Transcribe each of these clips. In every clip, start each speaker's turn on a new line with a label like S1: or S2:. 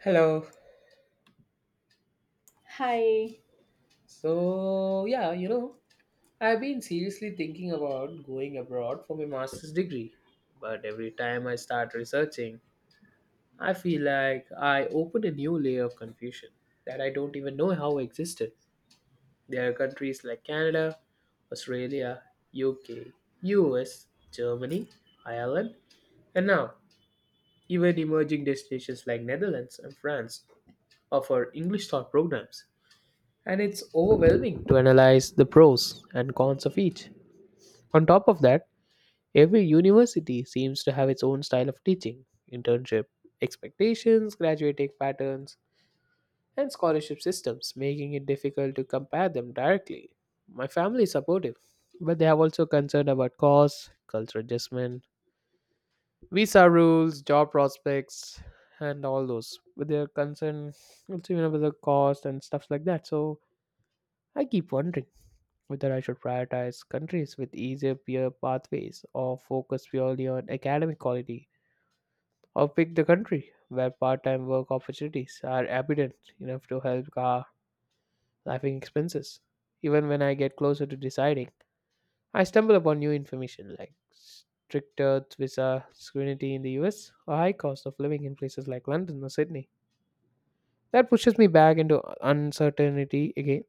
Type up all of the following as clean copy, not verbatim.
S1: Hello.
S2: Hi.
S1: So, I've been seriously thinking about going abroad for my master's degree, but every time I start researching, I feel like I open a new layer of confusion that I don't even know how existed. There are countries like Canada, Australia, UK, US, Germany, Ireland, and now even emerging destinations like Netherlands and France offer English taught programs and it's overwhelming to analyze the pros and cons of each. On top of that, every university seems to have its own style of teaching, internship expectations, graduating patterns, and scholarship systems, making it difficult to compare them directly. My family is supportive, but they are also concerned about costs, cultural adjustment, visa rules, job prospects, and all those. With their concern with the cost and stuff like that. So I keep wondering whether I should prioritize countries with easier peer pathways or focus purely on academic quality, or pick the country where part time work opportunities are abundant enough to help cover living expenses. Even when I get closer to deciding, I stumble upon new information like stricter visa scrutiny in the US or high cost of living in places like London or Sydney. That pushes me back into uncertainty again.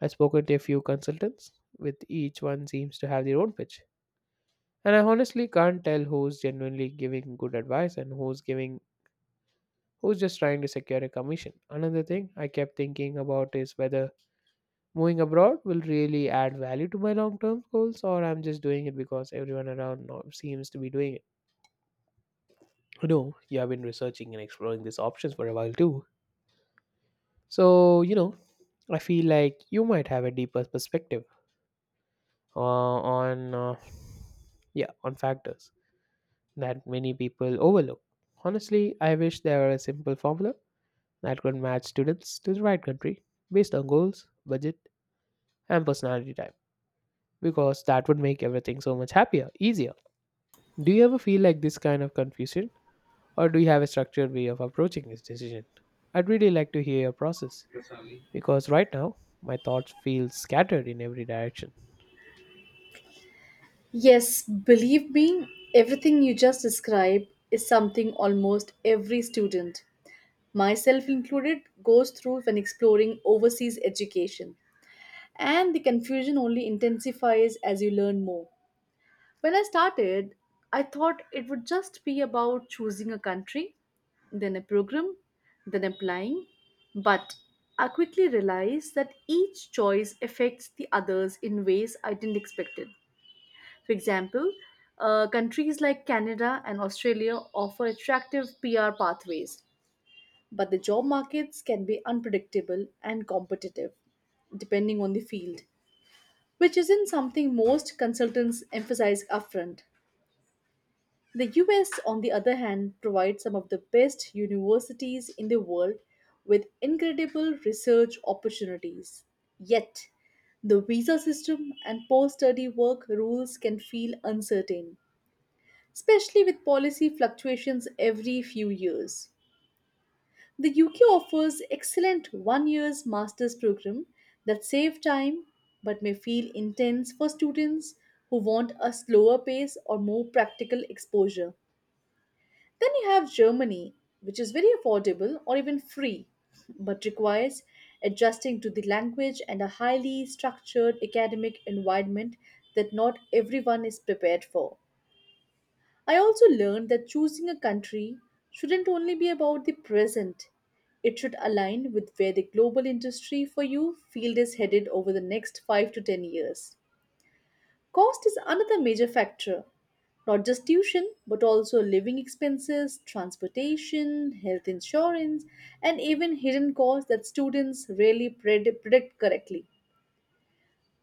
S1: I've spoken to a few consultants, with each one seems to have their own pitch. And I honestly can't tell who's genuinely giving good advice and who's just trying to secure a commission. Another thing I kept thinking about is whether moving abroad will really add value to my long-term goals or I'm just doing it because everyone around now seems to be doing it. You know, you have been researching and exploring these options for a while too. So, I feel like you might have a deeper perspective uh, on uh, yeah, on factors that many people overlook. Honestly, I wish there were a simple formula that could match students to the right country based on goals, budget, and personality type because that would make everything so much easier. Do you ever feel like this kind of confusion or do you have a structured way of approaching this decision? I'd really like to hear your process because right now my thoughts feel scattered in every direction.
S2: Yes, believe me, everything you just described is something almost every student, myself included, goes through when exploring overseas education. And the confusion only intensifies as you learn more. When I started, I thought it would just be about choosing a country, then a program, then applying. But I quickly realized that each choice affects the others in ways I didn't expect it. For example, countries like Canada and Australia offer attractive PR pathways, but the job markets can be unpredictable and competitive, depending on the field, which isn't something most consultants emphasize upfront. The US, on the other hand, provides some of the best universities in the world with incredible research opportunities. Yet, the visa system and post study work rules can feel uncertain especially with policy fluctuations every few years. The UK offers excellent 1 year's master's program that save time but may feel intense for students who want a slower pace or more practical exposure. Then you have Germany, which is very affordable or even free, but requires adjusting to the language and a highly structured academic environment that not everyone is prepared for. I also learned that choosing a country shouldn't only be about the present, it should align with where the global industry for you field is headed over the next 5 to 10 years. Cost is another major factor, not just tuition, but also living expenses, transportation, health insurance, and even hidden costs that students rarely predict correctly.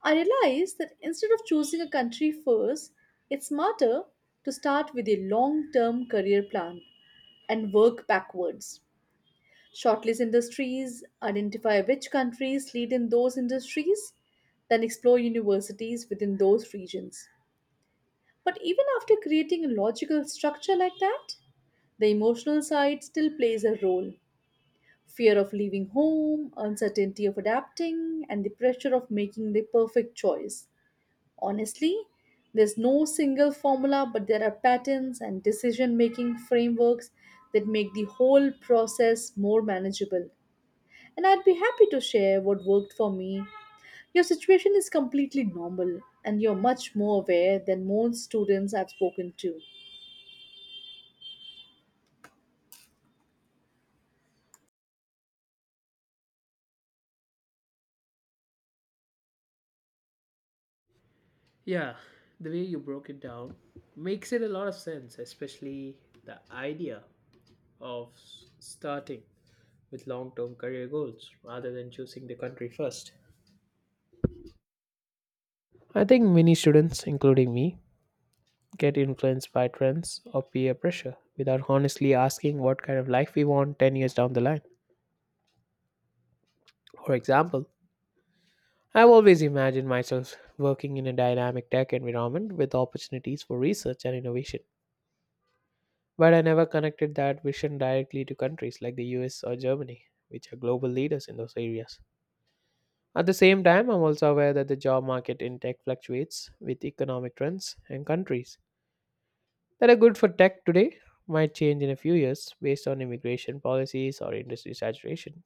S2: I realized that instead of choosing a country first, it's smarter to start with a long term career plan and work backwards. Shortlist industries, identify which countries lead in those industries, then explore universities within those regions. But even after creating a logical structure like that, the emotional side still plays a role. Fear of leaving home, uncertainty of adapting, and the pressure of making the perfect choice. Honestly, there's no single formula, but there are patterns and decision making frameworks that make the whole process more manageable. And I'd be happy to share what worked for me. Your situation is completely normal, and you're much more aware than most students I've spoken to.
S1: Yeah, the way you broke it down makes it a lot of sense, especially the idea of starting with long term career goals rather than choosing the country first. I think many students, including me, get influenced by trends or peer pressure without honestly asking what kind of life we want 10 years down the line. For example, I've always imagined myself working in a dynamic tech environment with opportunities for research and innovation. But I never connected that vision directly to countries like the US or Germany, which are global leaders in those areas. At the same time, I'm also aware that the job market in tech fluctuates with economic trends and countries that are good for tech today might change in a few years based on immigration policies or industry saturation.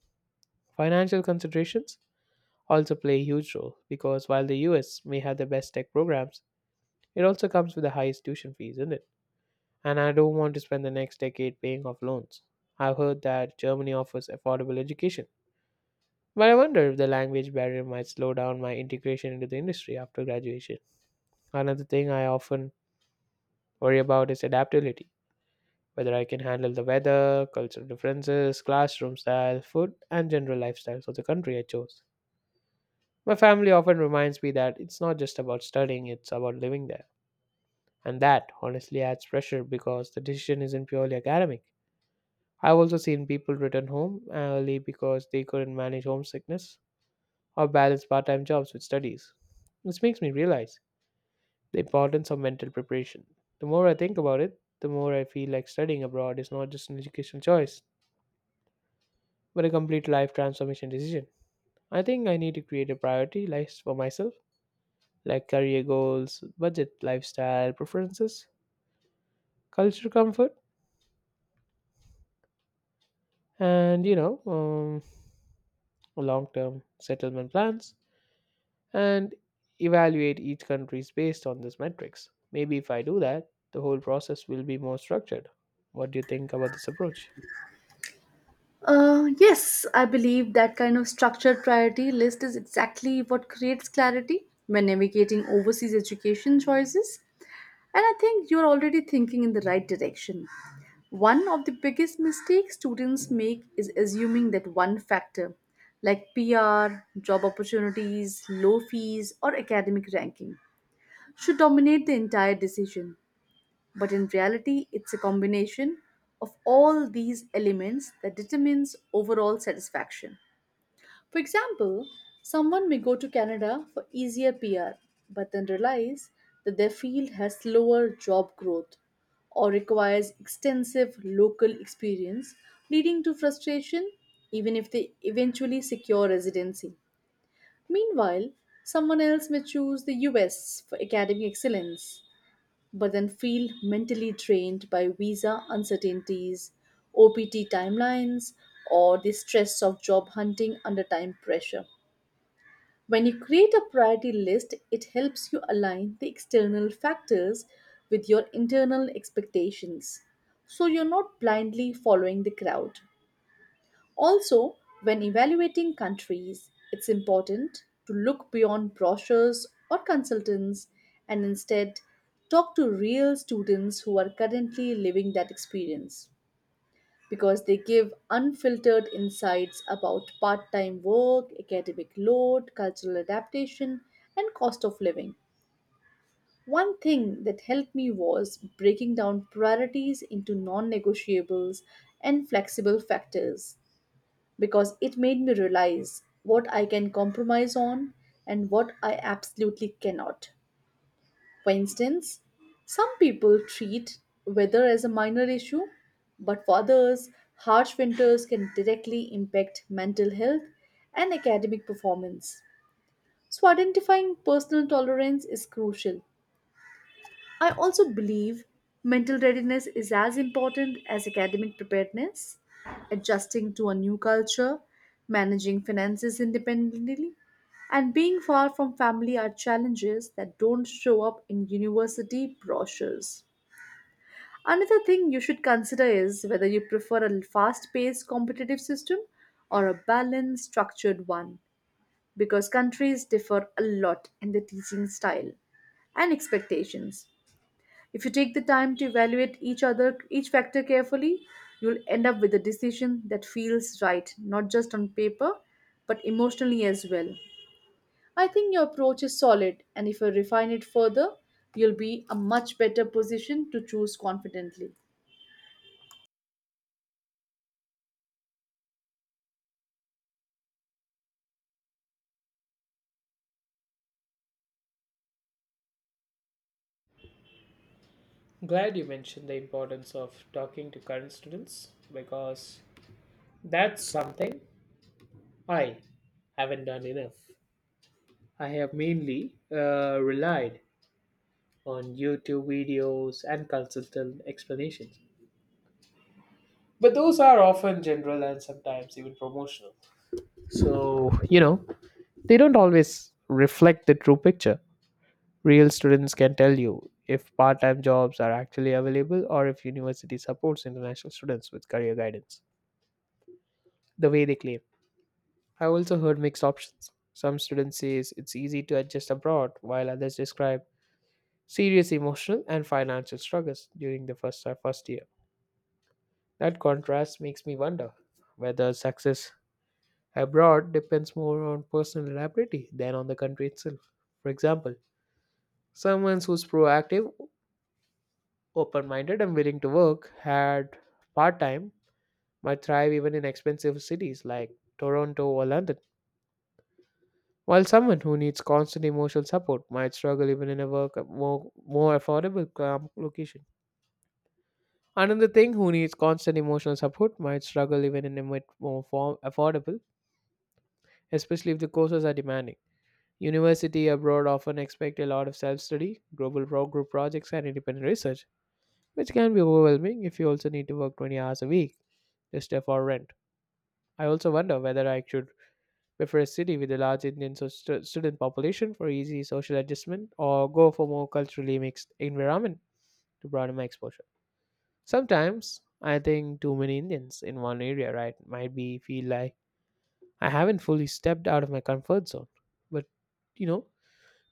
S1: Financial considerations also play a huge role because while the US may have the best tech programs, it also comes with the highest tuition fees, isn't it? And I don't want to spend the next decade paying off loans. I've heard that Germany offers affordable education, but I wonder if the language barrier might slow down my integration into the industry after graduation. Another thing I often worry about is adaptability, whether I can handle the weather, cultural differences, classroom style, food, and general lifestyles of the country I chose. My family often reminds me that it's not just about studying, it's about living there. And that honestly adds pressure because the decision isn't purely academic. I've also seen people return home early because they couldn't manage homesickness or balance part time jobs with studies. This makes me realize the importance of mental preparation. The more I think about it, the more I feel like studying abroad is not just an educational choice, but a complete life transformation decision. I think I need to create a priority list for myself, like career goals, budget, lifestyle preferences, culture comfort, and long term settlement plans, and evaluate each country's based on this metrics. Maybe if I do that, the whole process will be more structured. What do you think about this approach?
S2: Yes, I believe that kind of structured priority list is exactly what creates clarity when navigating overseas education choices. And I think you're already thinking in the right direction. One of the biggest mistakes students make is assuming that one factor, like PR, job opportunities, low fees, or academic ranking, should dominate the entire decision. But in reality, it's a combination of all these elements that determines overall satisfaction. For example, someone may go to Canada for easier PR, but then realize that their field has slower job growth or requires extensive local experience, leading to frustration even if they eventually secure residency. Meanwhile, someone else may choose the US for academic excellence, but then feel mentally drained by visa uncertainties, OPT timelines, or the stress of job hunting under time pressure. When you create a priority list, it helps you align the external factors with your internal expectations. So you're not blindly following the crowd. Also, when evaluating countries, it's important to look beyond brochures or consultants and instead talk to real students who are currently living that experience because they give unfiltered insights about part time work, academic load, cultural adaptation, and cost of living. One thing that helped me was breaking down priorities into non negotiables and flexible factors because it made me realize what I can compromise on and what I absolutely cannot. For instance, some people treat weather as a minor issue, but for others, harsh winters can directly impact mental health and academic performance. So, identifying personal tolerance is crucial. I also believe mental readiness is as important as academic preparedness. Adjusting to a new culture, managing finances independently, and being far from family are challenges that don't show up in university brochures. Another thing you should consider is whether you prefer a fast paced competitive system or a balanced, structured one, because countries differ a lot in their teaching style and expectations. If you take the time to evaluate each factor carefully, you'll end up with a decision that feels right, not just on paper, but emotionally as well. I think your approach is solid, and if you refine it further, you'll be a much better position to choose confidently.
S1: Glad you mentioned the importance of talking to current students because that's something I haven't done enough. I have mainly relied on YouTube videos and consultant explanations. But those are often general and sometimes even promotional. So, they don't always reflect the true picture. Real students can tell you if part time jobs are actually available or if university supports international students with career guidance, the way they claim. I also heard mixed options. Some students say it's easy to adjust abroad, while others describe serious emotional and financial struggles during the first year. That contrast makes me wonder whether success abroad depends more on personal ability than on the country itself. For example, someone who's proactive, open minded, and willing to work had part time might thrive even in expensive cities like Toronto or London, while someone who needs constant emotional support might struggle even in a more affordable location. Another thing who needs constant emotional support might struggle even in a bit affordable, especially if the courses are demanding. University abroad often expect a lot of self-study, global group projects, and independent research, which can be overwhelming if you also need to work 20 hours a week just for rent. I also wonder whether I should prefer a city with a large Indian student population for easy social adjustment or go for more culturally mixed environment to broaden my exposure. Sometimes I think too many Indians in one area, right, might be feel like I haven't fully stepped out of my comfort zone. But you know,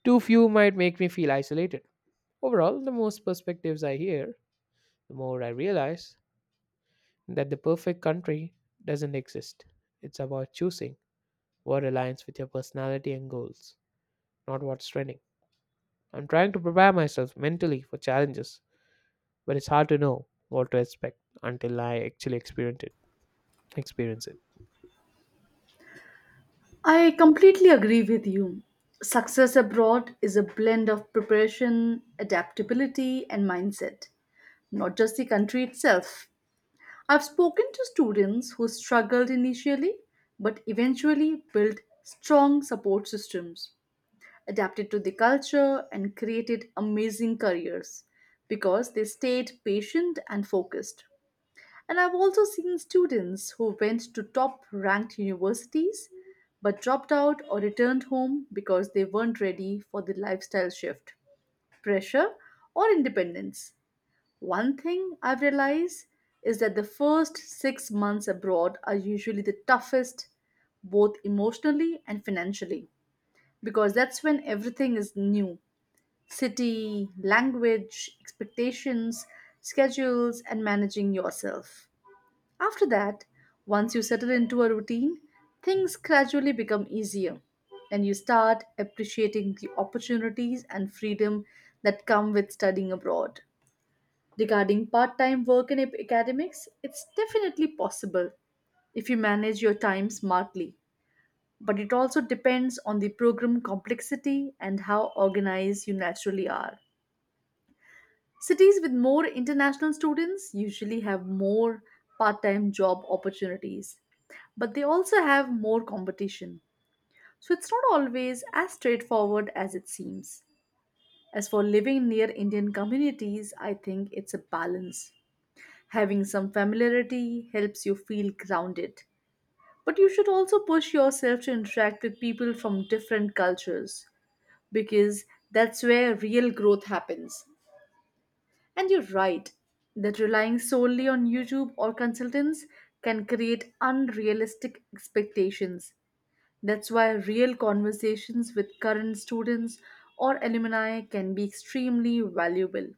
S1: too few might make me feel isolated. Overall, the most perspectives I hear, the more I realize that the perfect country doesn't exist. It's about choosing what aligns with your personality and goals, not what's trending. I'm trying to prepare myself mentally for challenges, but it's hard to know what to expect until I actually experience it. Experience it.
S2: I completely agree with you. Success abroad is a blend of preparation, adaptability, and mindset, not just the country itself. I've spoken to students who struggled initially but eventually built strong support systems, adapted to the culture, and created amazing careers because they stayed patient and focused. And I've also seen students who went to top ranked universities but dropped out or returned home because they weren't ready for the lifestyle shift, pressure, or independence. One thing I've realized is that the first 6 months abroad are usually the toughest, both emotionally and financially, because that's when everything is new city, language, expectations, schedules, and managing yourself. After that, once you settle into a routine, things gradually become easier and you start appreciating the opportunities and freedom that come with studying abroad. Regarding part time work in academics, it's definitely possible if you manage your time smartly. But it also depends on the program complexity and how organized you naturally are. Cities with more international students usually have more part time job opportunities, but they also have more competition. So it's not always as straightforward as it seems. As for living near Indian communities, I think it's a balance. Having some familiarity helps you feel grounded. But you should also push yourself to interact with people from different cultures because that's where real growth happens. And you're right that relying solely on YouTube or consultants can create unrealistic expectations. That's why real conversations with current students or alumni can be extremely valuable.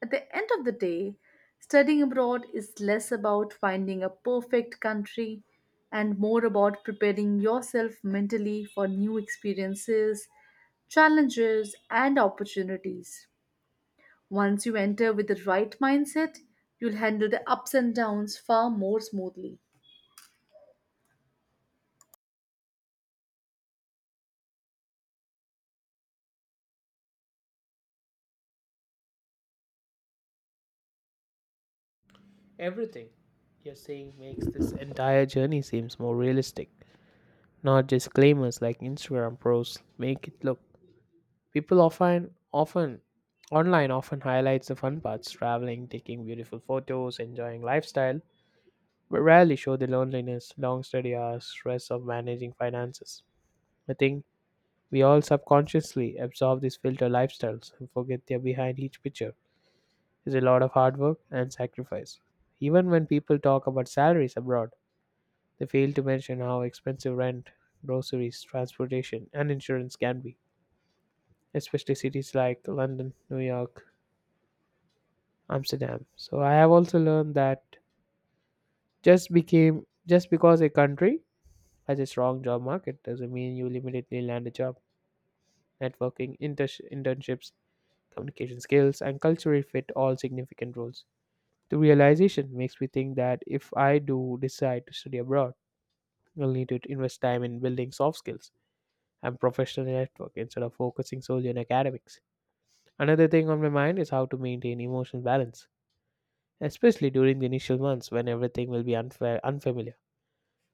S2: At the end of the day, studying abroad is less about finding a perfect country and more about preparing yourself mentally for new experiences, challenges, and opportunities. Once you enter with the right mindset, you'll handle the ups and downs far more smoothly.
S1: Everything you're saying makes this entire journey seems more realistic. Not just claimers like Instagram pros make it look. People often often online often highlights the fun parts, traveling, taking beautiful photos, enjoying lifestyle, but rarely show the loneliness, long study hours, stress of managing finances. I think we all subconsciously absorb these filter lifestyles and forget they're behind each picture. Is a lot of hard work and sacrifice. Even when people talk about salaries abroad, they fail to mention how expensive rent, groceries, transportation, and insurance can be, especially cities like London, New York, Amsterdam. So I have also learned that just because a country has a strong job market doesn't mean you'll immediately land a job. Networking, internships, communication skills, and cultural fit all significant roles. The realization makes me think that if I do decide to study abroad, I'll need to invest time in building soft skills and professional network instead of focusing solely on academics. Another thing on my mind is how to maintain emotional balance, especially during the initial months when everything will be unfamiliar.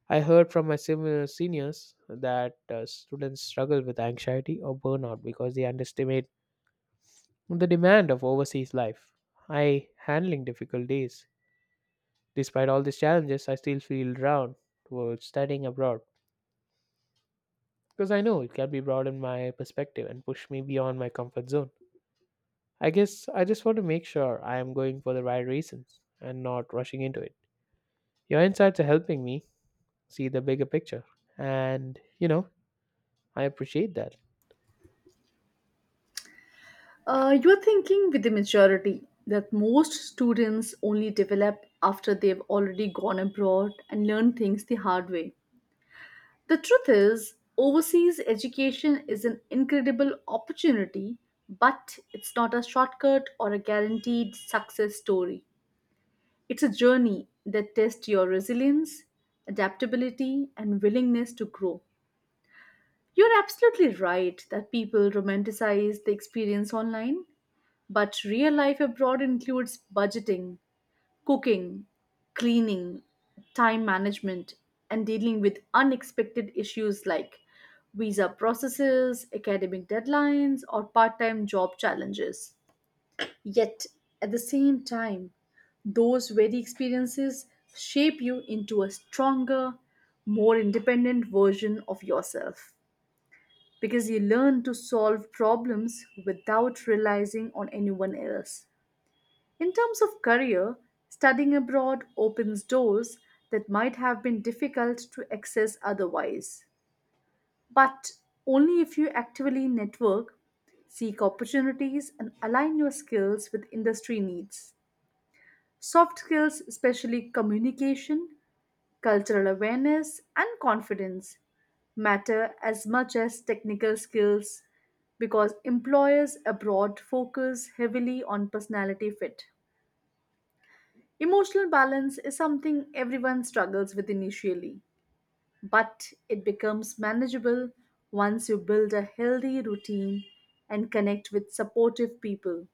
S1: I heard from my similar seniors that students struggle with anxiety or burnout because they underestimate the demand of overseas life. I handling difficult days Despite all these challenges, I still feel drawn towards studying abroad because I know it can be broaden my perspective and push me beyond my comfort zone. I guess I just want to make sure I am going for the right reasons and not rushing into it. Your insights are helping me see the bigger picture, and you know, I appreciate that.
S2: You're thinking with the maturity that most students only develop after they've already gone abroad and learned things the hard way. The truth is, overseas education is an incredible opportunity, but it's not a shortcut or a guaranteed success story. It's a journey that tests your resilience, adaptability, and willingness to grow. You're absolutely right that people romanticize the experience online, but real life abroad includes budgeting, cooking, cleaning, time management, and dealing with unexpected issues like visa processes, academic deadlines, or part time job challenges. Yet, at the same time, those very experiences shape you into a stronger, more independent version of yourself because you learn to solve problems without relying on anyone else. In terms of career, studying abroad opens doors that might have been difficult to access otherwise. But only if you actively network, seek opportunities, and align your skills with industry needs. Soft skills, especially communication, cultural awareness, and confidence, matter as much as technical skills because employers abroad focus heavily on personality fit. Emotional balance is something everyone struggles with initially, but it becomes manageable once you build a healthy routine and connect with supportive people,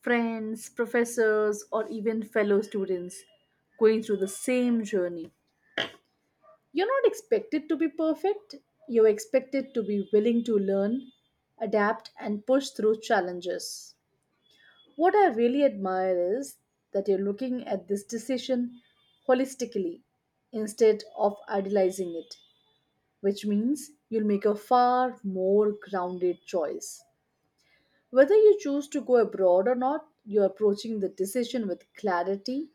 S2: friends, professors, or even fellow students going through the same journey. You're not expected to be perfect, you're expected to be willing to learn, adapt, and push through challenges. What I really admire is that you're looking at this decision holistically instead of idealizing it, which means you'll make a far more grounded choice. Whether you choose to go abroad or not, you're approaching the decision with clarity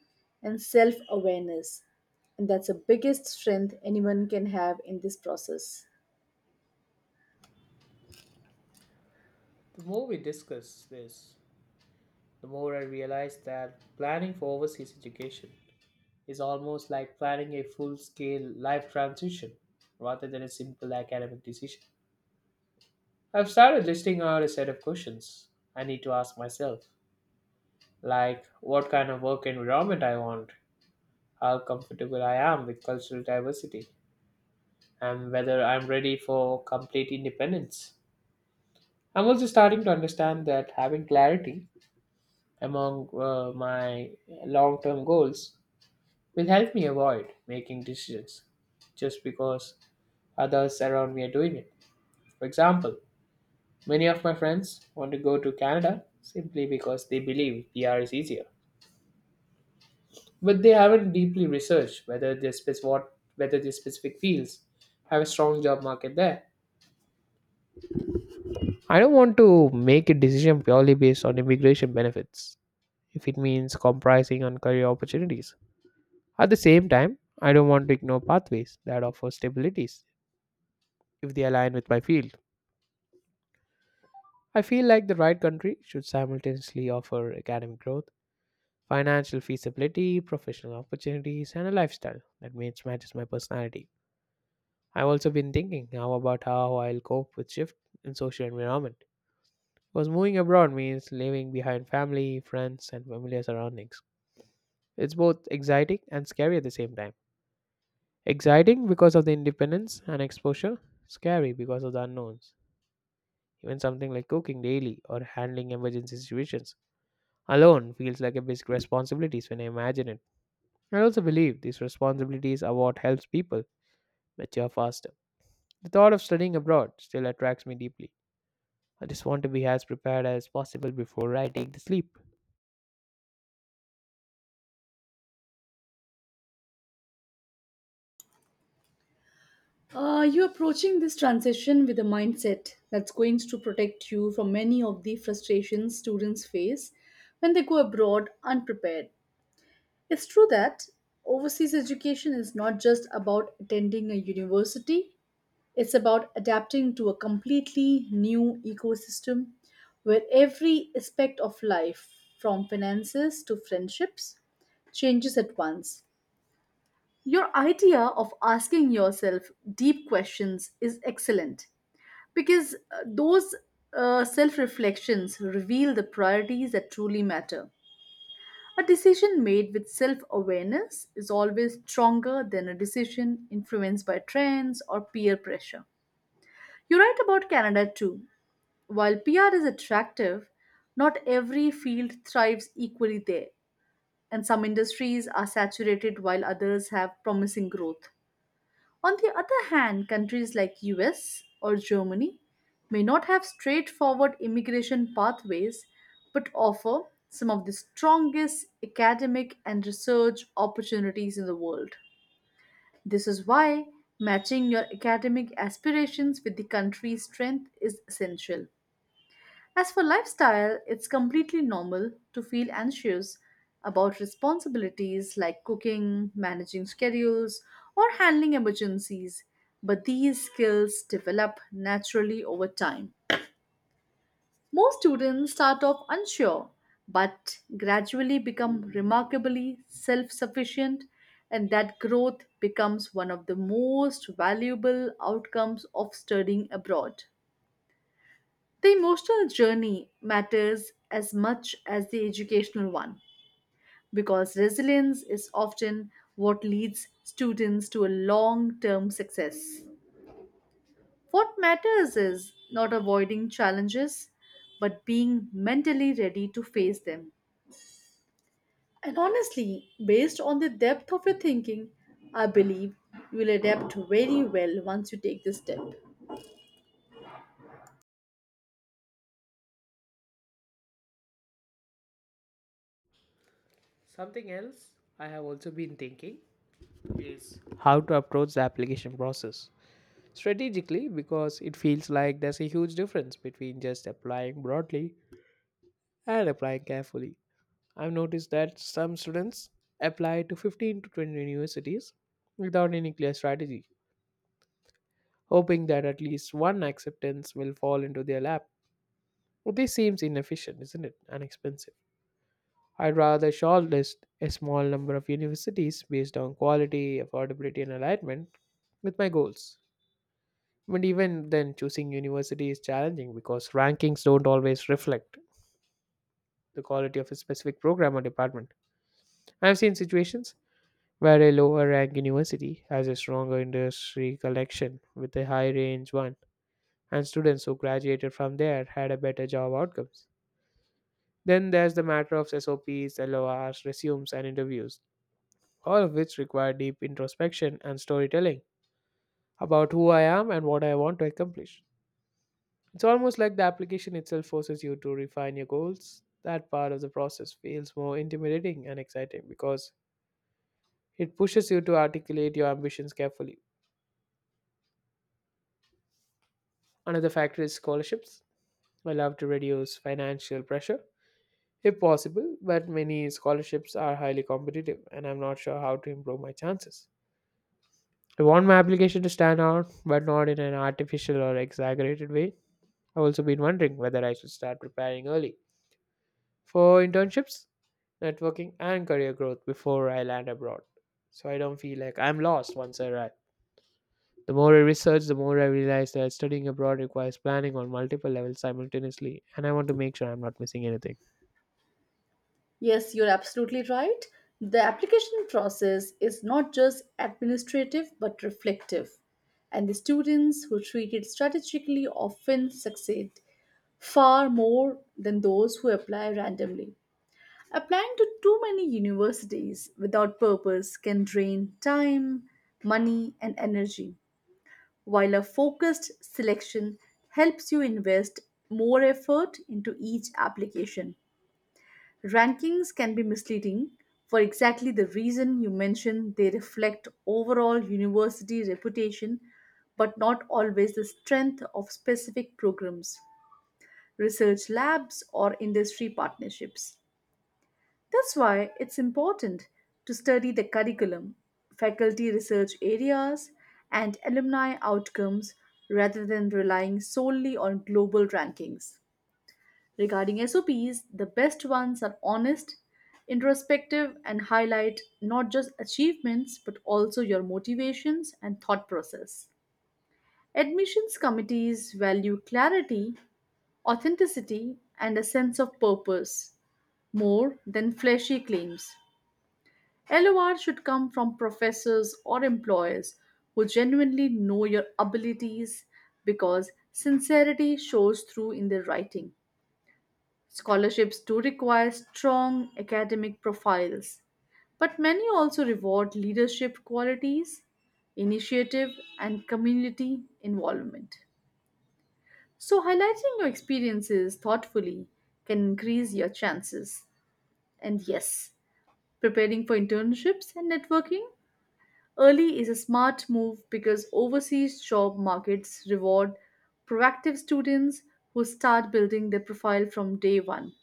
S2: and self awareness. And that's the biggest strength anyone can have in this process.
S1: The more we discuss this, the more I realize that planning for overseas education is almost like planning a full scale life transition rather than a simple academic decision. I've started listing out a set of questions I need to ask myself, like what kind of work environment I want, how comfortable I am with cultural diversity, and whether I'm ready for complete independence. I'm also starting to understand that having clarity among my long term goals will help me avoid making decisions just because others around me are doing it. For example, many of my friends want to go to Canada simply because they believe PR is easier, but they haven't deeply researched whether their specific fields have a strong job market there. I don't want to make a decision purely based on immigration benefits if it means compromising on career opportunities. At the same time, I don't want to ignore pathways that offer stabilities if they align with my field. I feel like the right country should simultaneously offer academic growth, financial feasibility, professional opportunities, and a lifestyle that matches my personality. I've also been thinking now about how I'll cope with shift in social environment. Because moving abroad means leaving behind family, friends, and familiar surroundings. It's both exciting and scary at the same time. Exciting because of the independence and exposure, scary because of the unknowns. Even something like cooking daily or handling emergency situations alone feels like a basic responsibilities when I imagine it. I also believe these responsibilities are what helps people mature faster. The thought of studying abroad still attracts me deeply. I just want to be as prepared as possible before I take the sleep.
S2: You're approaching this transition with a mindset that's going to protect you from many of the frustrations students face when they go abroad unprepared. It's true that overseas education is not just about attending a university, it's about adapting to a completely new ecosystem where every aspect of life, from finances to friendships, changes at once. Your idea of asking yourself deep questions is excellent because those self reflections reveal the priorities that truly matter. A decision made with self awareness is always stronger than a decision influenced by trends or peer pressure. You're right about Canada too. While PR is attractive, not every field thrives equally there, and some industries are saturated while others have promising growth. On the other hand, countries like US or Germany may not have straightforward immigration pathways but offer some of the strongest academic and research opportunities in the world. This is why matching your academic aspirations with the country's strength is essential. As for lifestyle, it's completely normal to feel anxious about responsibilities like cooking, managing schedules, or handling emergencies, but these skills develop naturally over time. Most students start off unsure but gradually become remarkably self sufficient, and that growth becomes one of the most valuable outcomes of studying abroad. The emotional journey matters as much as the educational one because resilience is often what leads students to a long term success. What matters is not avoiding challenges but being mentally ready to face them. And honestly, based on the depth of your thinking, I believe you will adapt very well once you take this step.
S1: Something else I have also been thinking is how to approach the application process strategically, because it feels like there's a huge difference between just applying broadly and applying carefully. I've noticed that some students apply to 15 to 20 universities without any clear strategy, hoping that at least one acceptance will fall into their lap. But this seems inefficient, isn't it? And expensive. I'd rather shortlist a small number of universities based on quality, affordability, and alignment with my goals. But even then, choosing university is challenging because rankings don't always reflect the quality of a specific program or department. I've seen situations where a lower rank university has a stronger industry connection with a high range one, and students who graduated from there had a better job outcomes. Then there's the matter of SOPs, LORs, resumes, and interviews, all of which require deep introspection and storytelling about who I am and what I want to accomplish. It's almost like the application itself forces you to refine your goals. That part of the process feels more intimidating and exciting because it pushes you to articulate your ambitions carefully. Another factor is scholarships. I love to reduce financial pressure if possible, but many scholarships are highly competitive and I'm not sure how to improve my chances. I want my application to stand out, but not in an artificial or exaggerated way. I've also been wondering whether I should start preparing early for internships, networking, and career growth before I land abroad, so I don't feel like I'm lost once I arrive. The more I research, the more I realize that studying abroad requires planning on multiple levels simultaneously, and I want to make sure I'm not missing anything.
S2: Yes, you're absolutely right. The application process is not just administrative but reflective, and the students who treat it strategically often succeed far more than those who apply randomly. Applying to too many universities without purpose can drain time, money, and energy, while a focused selection helps you invest more effort into each application. Rankings can be misleading for exactly the reason you mentioned they reflect overall university reputation but not always the strength of specific programs, research labs, or industry partnerships. That's why it's important to study the curriculum, faculty research areas, and alumni outcomes rather than relying solely on global rankings. Regarding SOPs, the best ones are honest, introspective, and highlight not just achievements but also your motivations and thought process. Admissions committees value clarity, authenticity, and a sense of purpose more than flashy claims. LOR should come from professors or employers who genuinely know your abilities because sincerity shows through in their writing. Scholarships do require strong academic profiles, but many also reward leadership qualities, initiative, and community involvement. So, highlighting your experiences thoughtfully can increase your chances. And yes, preparing for internships and networking early is a smart move because overseas job markets reward proactive students who start building their profile from day one.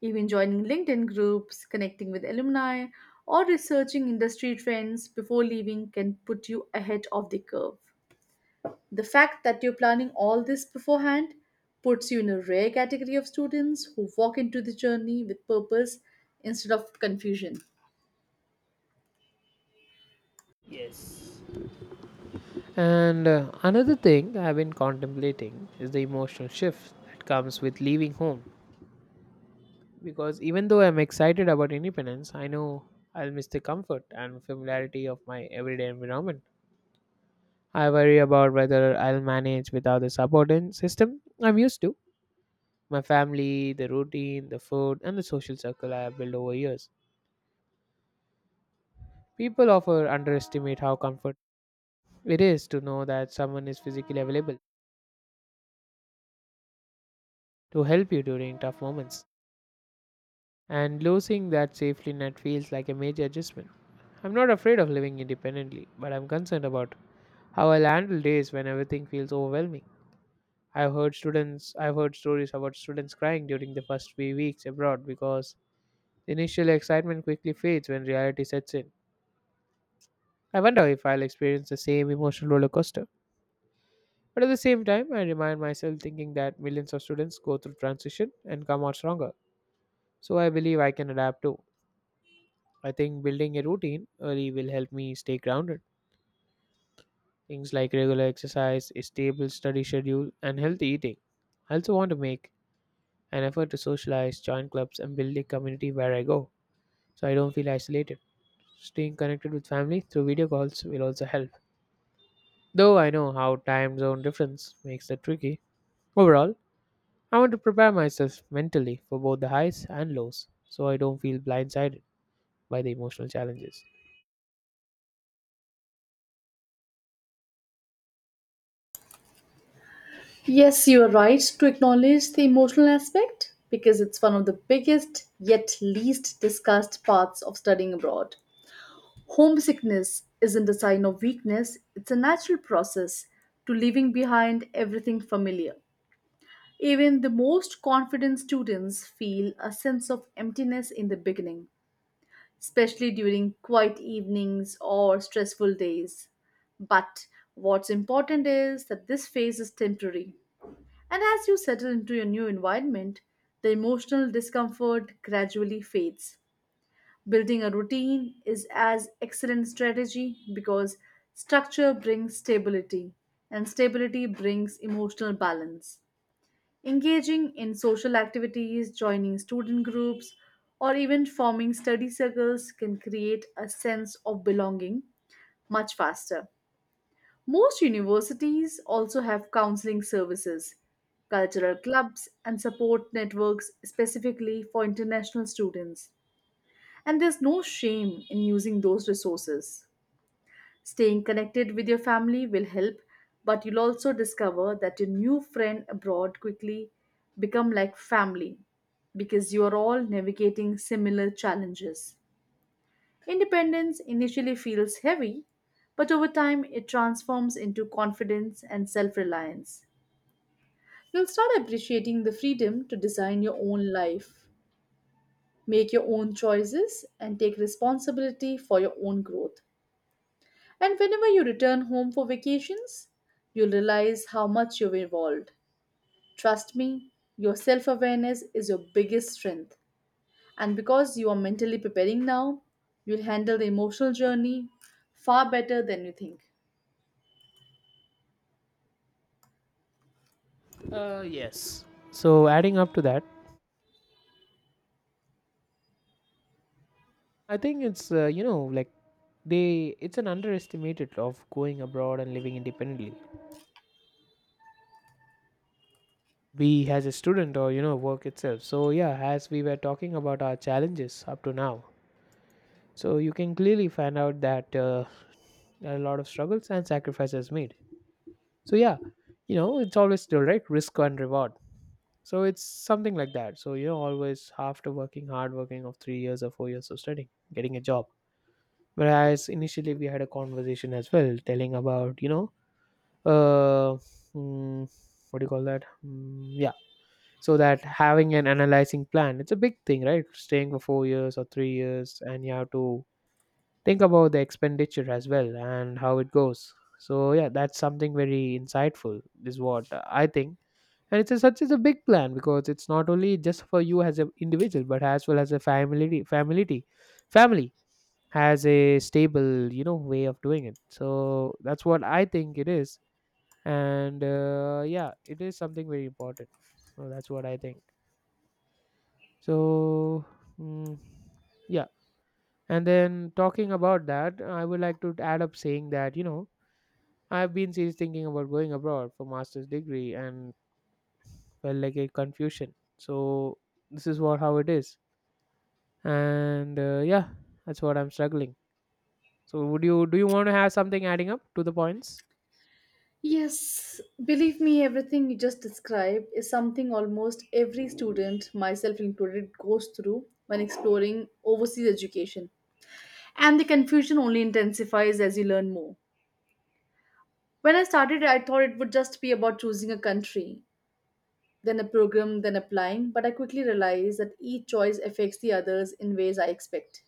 S2: Even joining LinkedIn groups, connecting with alumni, or researching industry trends before leaving can put you ahead of the curve. The fact that you're planning all this beforehand puts you in a rare category of students who walk into the journey with purpose instead of confusion.
S1: Yes. And another thing I've been contemplating is the emotional shift that comes with leaving home. Because even though I'm excited about independence, I know I'll miss the comfort and familiarity of my everyday environment. I worry about whether I'll manage without the subordinate system I'm used to. My family, the routine, the food, and the social circle I have built over years. People often underestimate how comfort it is to know that someone is physically available to help you during tough moments. And losing that safety net feels like a major adjustment. I'm not afraid of living independently, but I'm concerned about how I'll handle days when everything feels overwhelming. I've heard stories about students crying during the first few weeks abroad because the initial excitement quickly fades when reality sets in. I wonder if I'll experience the same emotional roller coaster. But at the same time, I remind myself thinking that millions of students go through transition and come out stronger. So I believe I can adapt too. I think building a routine early will help me stay grounded. Things like regular exercise, a stable study schedule, and healthy eating. I also want to make an effort to socialize, join clubs, and build a community where I go, so I don't feel isolated. Staying connected with family through video calls will also help, though I know how time zone difference makes it tricky. Overall, I want to prepare myself mentally for both the highs and lows so I don't feel blindsided by the emotional challenges.
S2: Yes, you are right to acknowledge the emotional aspect because it's one of the biggest yet least discussed parts of studying abroad. Homesickness isn't a sign of weakness, it's a natural process to leaving behind everything familiar. Even the most confident students feel a sense of emptiness in the beginning, especially during quiet evenings or stressful days. But what's important is that this phase is temporary. And as you settle into your new environment, the emotional discomfort gradually fades. Building a routine is as excellent strategy because structure brings stability and stability brings emotional balance. Engaging in social activities, joining student groups, or even forming study circles can create a sense of belonging much faster. Most universities also have counseling services, cultural clubs, and support networks specifically for international students. And there's no shame in using those resources. Staying connected with your family will help, but you'll also discover that your new friend abroad quickly become like family because you are all navigating similar challenges. Independence initially feels heavy, but over time it transforms into confidence and self-reliance. You'll start appreciating the freedom to design your own life, make your own choices, and take responsibility for your own growth. And whenever you return home for vacations, you'll realize how much you've evolved. Trust me, your self awareness is your biggest strength. And because you are mentally preparing now, you'll handle the emotional journey far better than you think.
S1: Yes. So adding up to that, I think it's like they it's an underestimated of going abroad and living independently. We as a student, or you know, work itself. So yeah, as we were talking about our challenges up to now, so you can clearly find out that there are a lot of struggles and sacrifices made, so yeah, you know, it's always still right, risk and reward. So it's something like that. So you know, always after working hard, working of 3 years or 4 years of studying, getting a job, whereas initially we had a conversation as well telling about you know, uh mm, what do you call that? Yeah. So that having an analyzing plan, it's a big thing, right? Staying for 4 years or 3 years, and you have to think about the expenditure as well and how it goes. So yeah, that's something very insightful is what I think. And it's a, such as a big plan because it's not only just for you as an individual but as well as a family has a stable, you know, way of doing it. So that's what I think it is. And yeah, it is something very important. So that's what I think. So mm, yeah. And then talking about that, I would like to add up saying that you know, I've been seriously thinking about going abroad for master's degree and felt like a confusion. So this is what how it is. And yeah, that's what I'm struggling. So would you do you want to have something adding up to the points?
S2: Yes, believe me, everything you just described is something almost every student, myself included, goes through when exploring overseas education. And the confusion only intensifies as you learn more. When I started, I thought it would just be about choosing a country, then a program, then applying, but I quickly realized that each choice affects the others in ways I expect.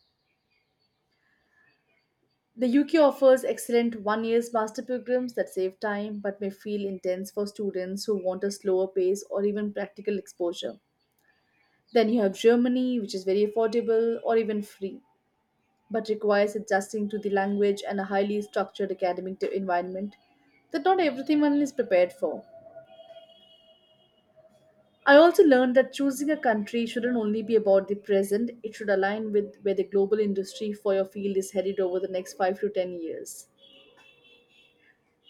S2: The UK offers excellent one year master programs that save time but may feel intense for students who want a slower pace or even practical exposure. Then you have Germany, which is very affordable or even free, but requires adjusting to the language and a highly structured academic environment that not everyone is prepared for. I also learned that choosing a country shouldn't only be about the present, it should align with where the global industry for your field is headed over the next 5 to 10 years.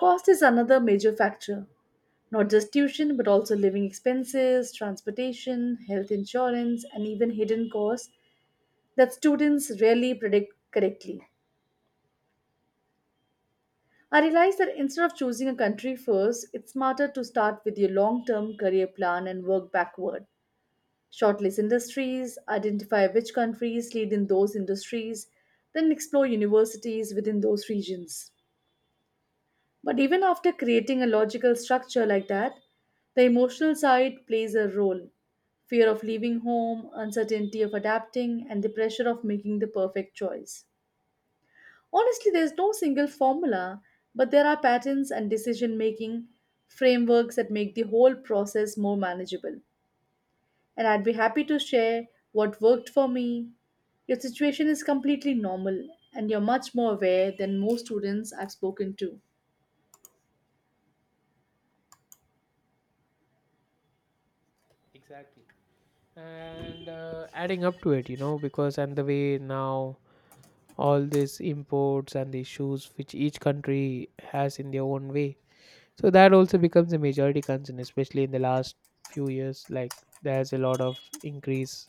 S2: Cost is another major factor, not just tuition, but also living expenses, transportation, health insurance, and even hidden costs that students rarely predict correctly. I realized that instead of choosing a country first, it's smarter to start with your long term career plan and work backward. Shortlist industries, identify which countries lead in those industries, then explore universities within those regions. But even after creating a logical structure like that, the emotional side plays a role. Fear of leaving home, uncertainty of adapting, and the pressure of making the perfect choice. Honestly, there's no single formula, but there are patterns and decision making frameworks that make the whole process more manageable. And I'd be happy to share what worked for me. Your situation is completely normal, and you're much more aware than most students I've spoken to.
S1: Exactly. And adding up to it, you know, because and the way now all these imports and the issues which each country has in their own way, so that also becomes a majority concern, especially in the last few years. Like, there's a lot of increase,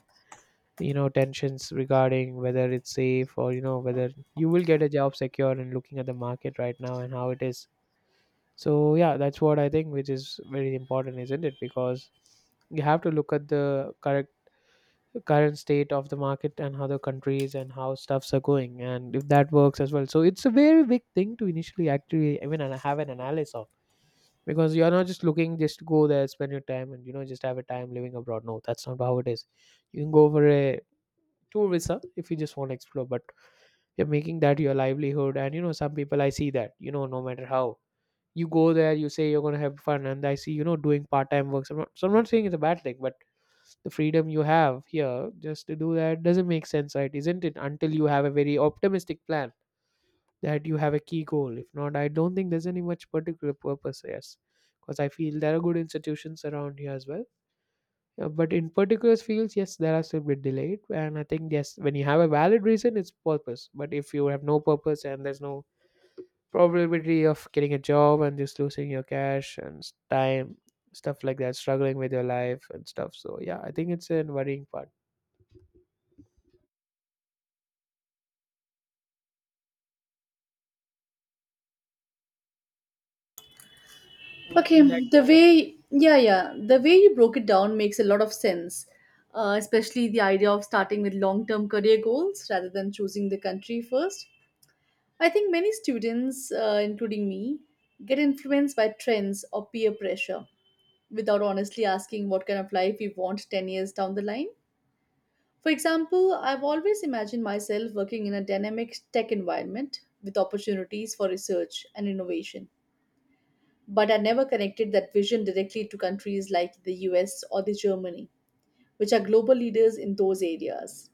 S1: you know, tensions regarding whether it's safe, or you know whether you will get a job secure and looking at the market right now and how it is. So yeah, that's what I think, which is very important, isn't it? Because you have to look at the correct current state of the market and how the countries and how stuffs are going, and if that works as well. So it's a very big thing to initially actually even and have an analysis on. Because you're not just looking just to go there, spend your time and you know just have a time living abroad. No, that's not how it is. You can go for a tour visa if you just want to explore, but you're making that your livelihood. And you know, some people I see that you know, no matter how you go there, you say you're going to have fun, and I see you know doing part-time work. So I'm not saying it's a bad thing, but the freedom you have here just to do that doesn't make sense, right, isn't it, until you have a very optimistic plan that you have a key goal. If not, I don't think there's any much particular purpose. Yes, because I feel there are good institutions around here as well. Yeah, but in particular fields, yes, there are still bit delayed, and I think yes, when you have a valid reason, it's purpose. But if you have no purpose and there's no probability of getting a job and just losing your cash and time, stuff like that, struggling with your life and stuff. So yeah, I think it's a worrying part. Would
S2: Okay,
S1: you like to add up?
S2: yeah, yeah, the way you broke it down makes a lot of sense, especially the idea of starting with long term career goals rather than choosing the country first. I think many students, including me, get influenced by trends or peer pressure without honestly asking what kind of life we want 10 years down the line. For example, I've always imagined myself working in a dynamic tech environment with opportunities for research and innovation. But I never connected that vision directly to countries like the US or the Germany, which are global leaders in those areas.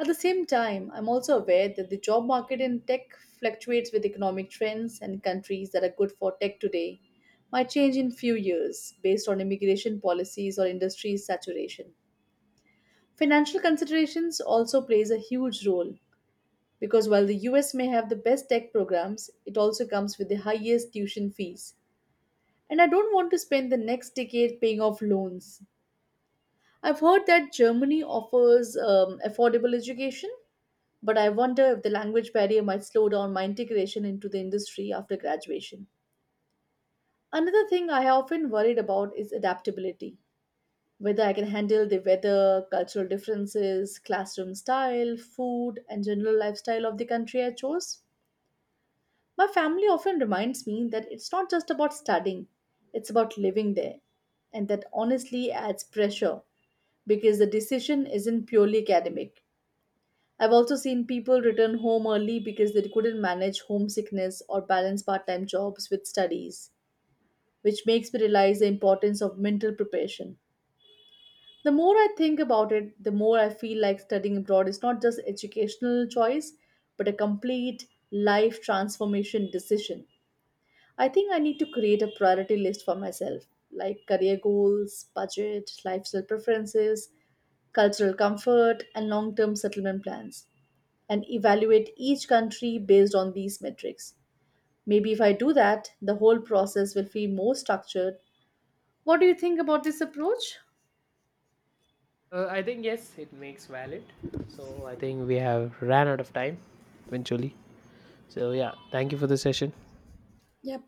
S2: At the same time, I'm also aware that the job market in tech fluctuates with economic trends and countries that are good for tech today might change in few years based on immigration policies or industry saturation. Financial considerations also plays a huge role. Because while the US may have the best tech programs, it also comes with the highest tuition fees. And I don't want to spend the next decade paying off loans. I've heard that Germany offers affordable education, but I wonder if the language barrier might slow down my integration into the industry after graduation. Another thing I often worried about is adaptability. Whether I can handle the weather, cultural differences, classroom style, food, and general lifestyle of the country I chose. My family often reminds me that it's not just about studying, it's about living there. And that honestly adds pressure because the decision isn't purely academic. I've also seen people return home early because they couldn't manage homesickness or balance part time jobs with studies, which makes me realize the importance of mental preparation. The more I think about it, the more I feel like studying abroad is not just educational choice, but a complete life transformation decision. I think I need to create a priority list for myself, like career goals, budget, lifestyle preferences, cultural comfort, and long term settlement plans, and evaluate each country based on these metrics. Maybe if I do that, the whole process will feel more structured. What do you think about this approach?
S1: I think yes, it makes valid. So I think we have ran out of time eventually. So yeah, thank you for the session.
S2: Yep.